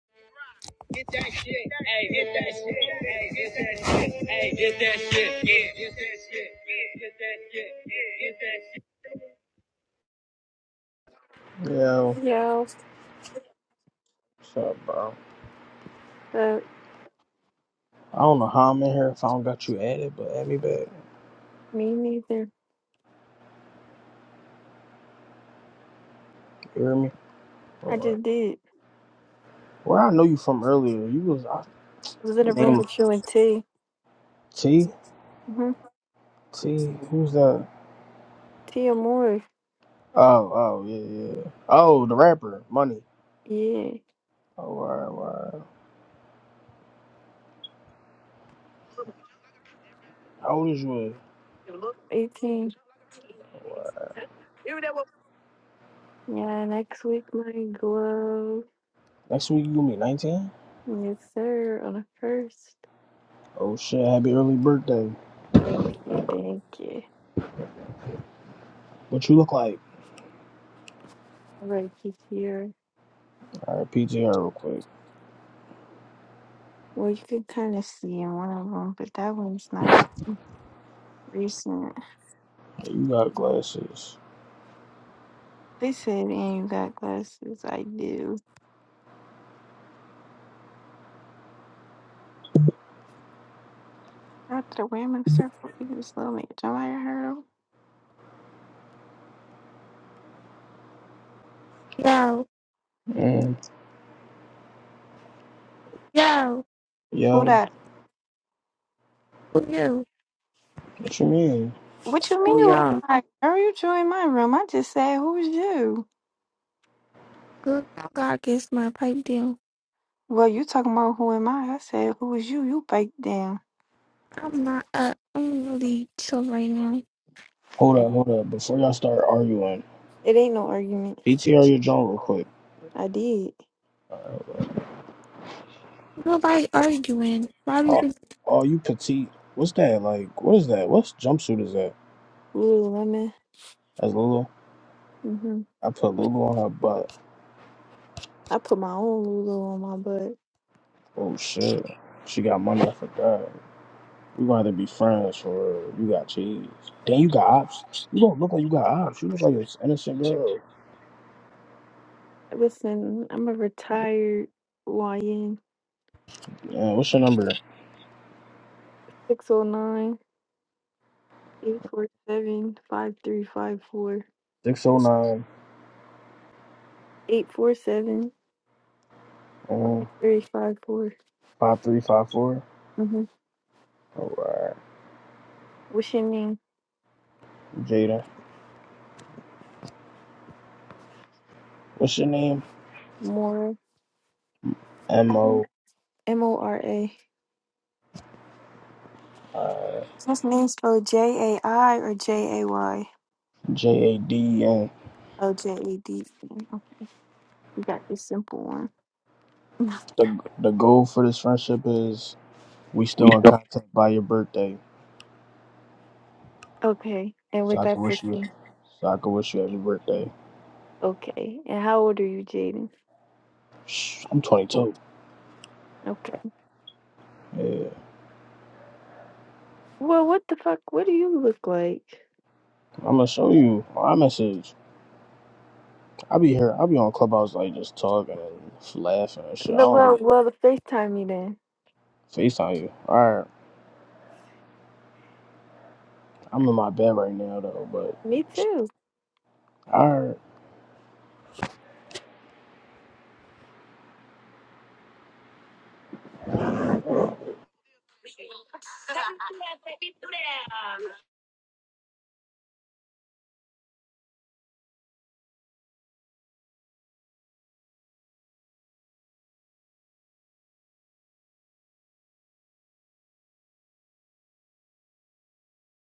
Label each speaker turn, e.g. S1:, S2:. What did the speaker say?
S1: Get that shit. Hey, get that shit. Hey, get that shit. Hey, get that shit. Yeah, get that shit. Yeah, get that shit. Yeah, get that
S2: Yo,
S1: shit. Yo,
S2: what's up, bro?
S1: uh,
S2: I don't know how I'm in here if I don't got you added, but add me back.
S1: me neither.
S2: You hear me?
S1: I
S2: Or
S1: just did.
S2: where I know you from earlier. You was I,
S1: I was in
S2: the
S1: a room
S2: name of
S1: with you and T.
S2: T
S1: Mm-hmm.
S2: T. Who's that?
S1: T Amore.
S2: Oh, oh yeah, yeah. Oh, the rapper, Money.
S1: Yeah,
S2: Oh, wow, wow. How old is you? Is?
S1: 18.
S2: Oh, wow.
S1: You know what? Yeah, next week my glow.
S2: Next week you gonna be 19?
S1: Yes, sir. On the first.
S2: Oh shit! Happy early birthday.
S1: Thank you, thank you.
S2: What you look like?
S1: All right, he's here.
S2: All right, PTR real quick.
S1: Well, you can kind of see in one of them, but that one's not recent.
S2: Yeah, You got glasses.
S1: They said, and you got glasses. I do. After the women circle, you just love me. Join my room.
S3: Yo,
S2: Mm.
S3: yo,
S1: Who
S2: Yo,
S1: that?
S3: who you?
S2: what you mean?
S1: What you
S3: Who
S1: mean? Who
S3: y'all?
S1: I? Girl, you join my room. I just said, who's you?
S3: Good God gets my pipe deal.
S1: Well, you talking about who am I? I said, who is you? You bake down.
S3: I'm not up. I'm really chill right now.
S2: Hold up, hold up. Before y'all start arguing.
S1: It ain't no argument.
S2: PTR your joint real quick.
S1: I did.
S3: Nobody arguing. Why do you
S2: Oh,
S3: think
S2: oh, you petite. What's that? Like, what is that? What jumpsuit is that?
S1: Lululemon.
S2: That's Lulu.
S1: Mm-hmm.
S2: I put Lulu on her butt.
S1: I put my own Lulu on my butt.
S2: Oh shit. She got money. I forgot. We gonna have to be friends for real. You got cheese. Then you got ops. You don't look like you got ops. You look like an innocent girl.
S1: Listen, I'm a retired YN
S2: Yeah, what's your number?
S1: 609. Eight four seven five three five four.
S2: 609
S1: Eight four seven five
S2: um,
S1: three five four.
S2: 5354.
S1: Mm-hmm.
S2: Alright.
S1: What's your name?
S2: Jada. What's your name?
S1: Mora.
S2: M O
S1: M O R A. Is this name spelled J A I or J A Y?
S2: J A D N.
S1: Oh, J A D. E. Okay. You got this simple one.
S2: The, the goal for this friendship is We still in contact by your birthday,
S1: Okay. And
S2: so
S1: with
S2: I can
S1: that
S2: wish you,
S1: person.
S2: so I can wish you happy birthday.
S1: Okay. And how old are you, Jaden?
S2: Shh, I'm 22.
S1: Okay.
S2: Yeah,
S1: Well, what the fuck? What do you look like?
S2: I'm gonna show you my message. I be here. I be on Clubhouse like just talking and laughing and shit. I
S1: The-
S2: don't
S1: Well,
S2: really
S1: well, the FaceTime me then.
S2: Facetime you. All right, I'm in my bed right now though, but
S1: Me too.
S2: all right.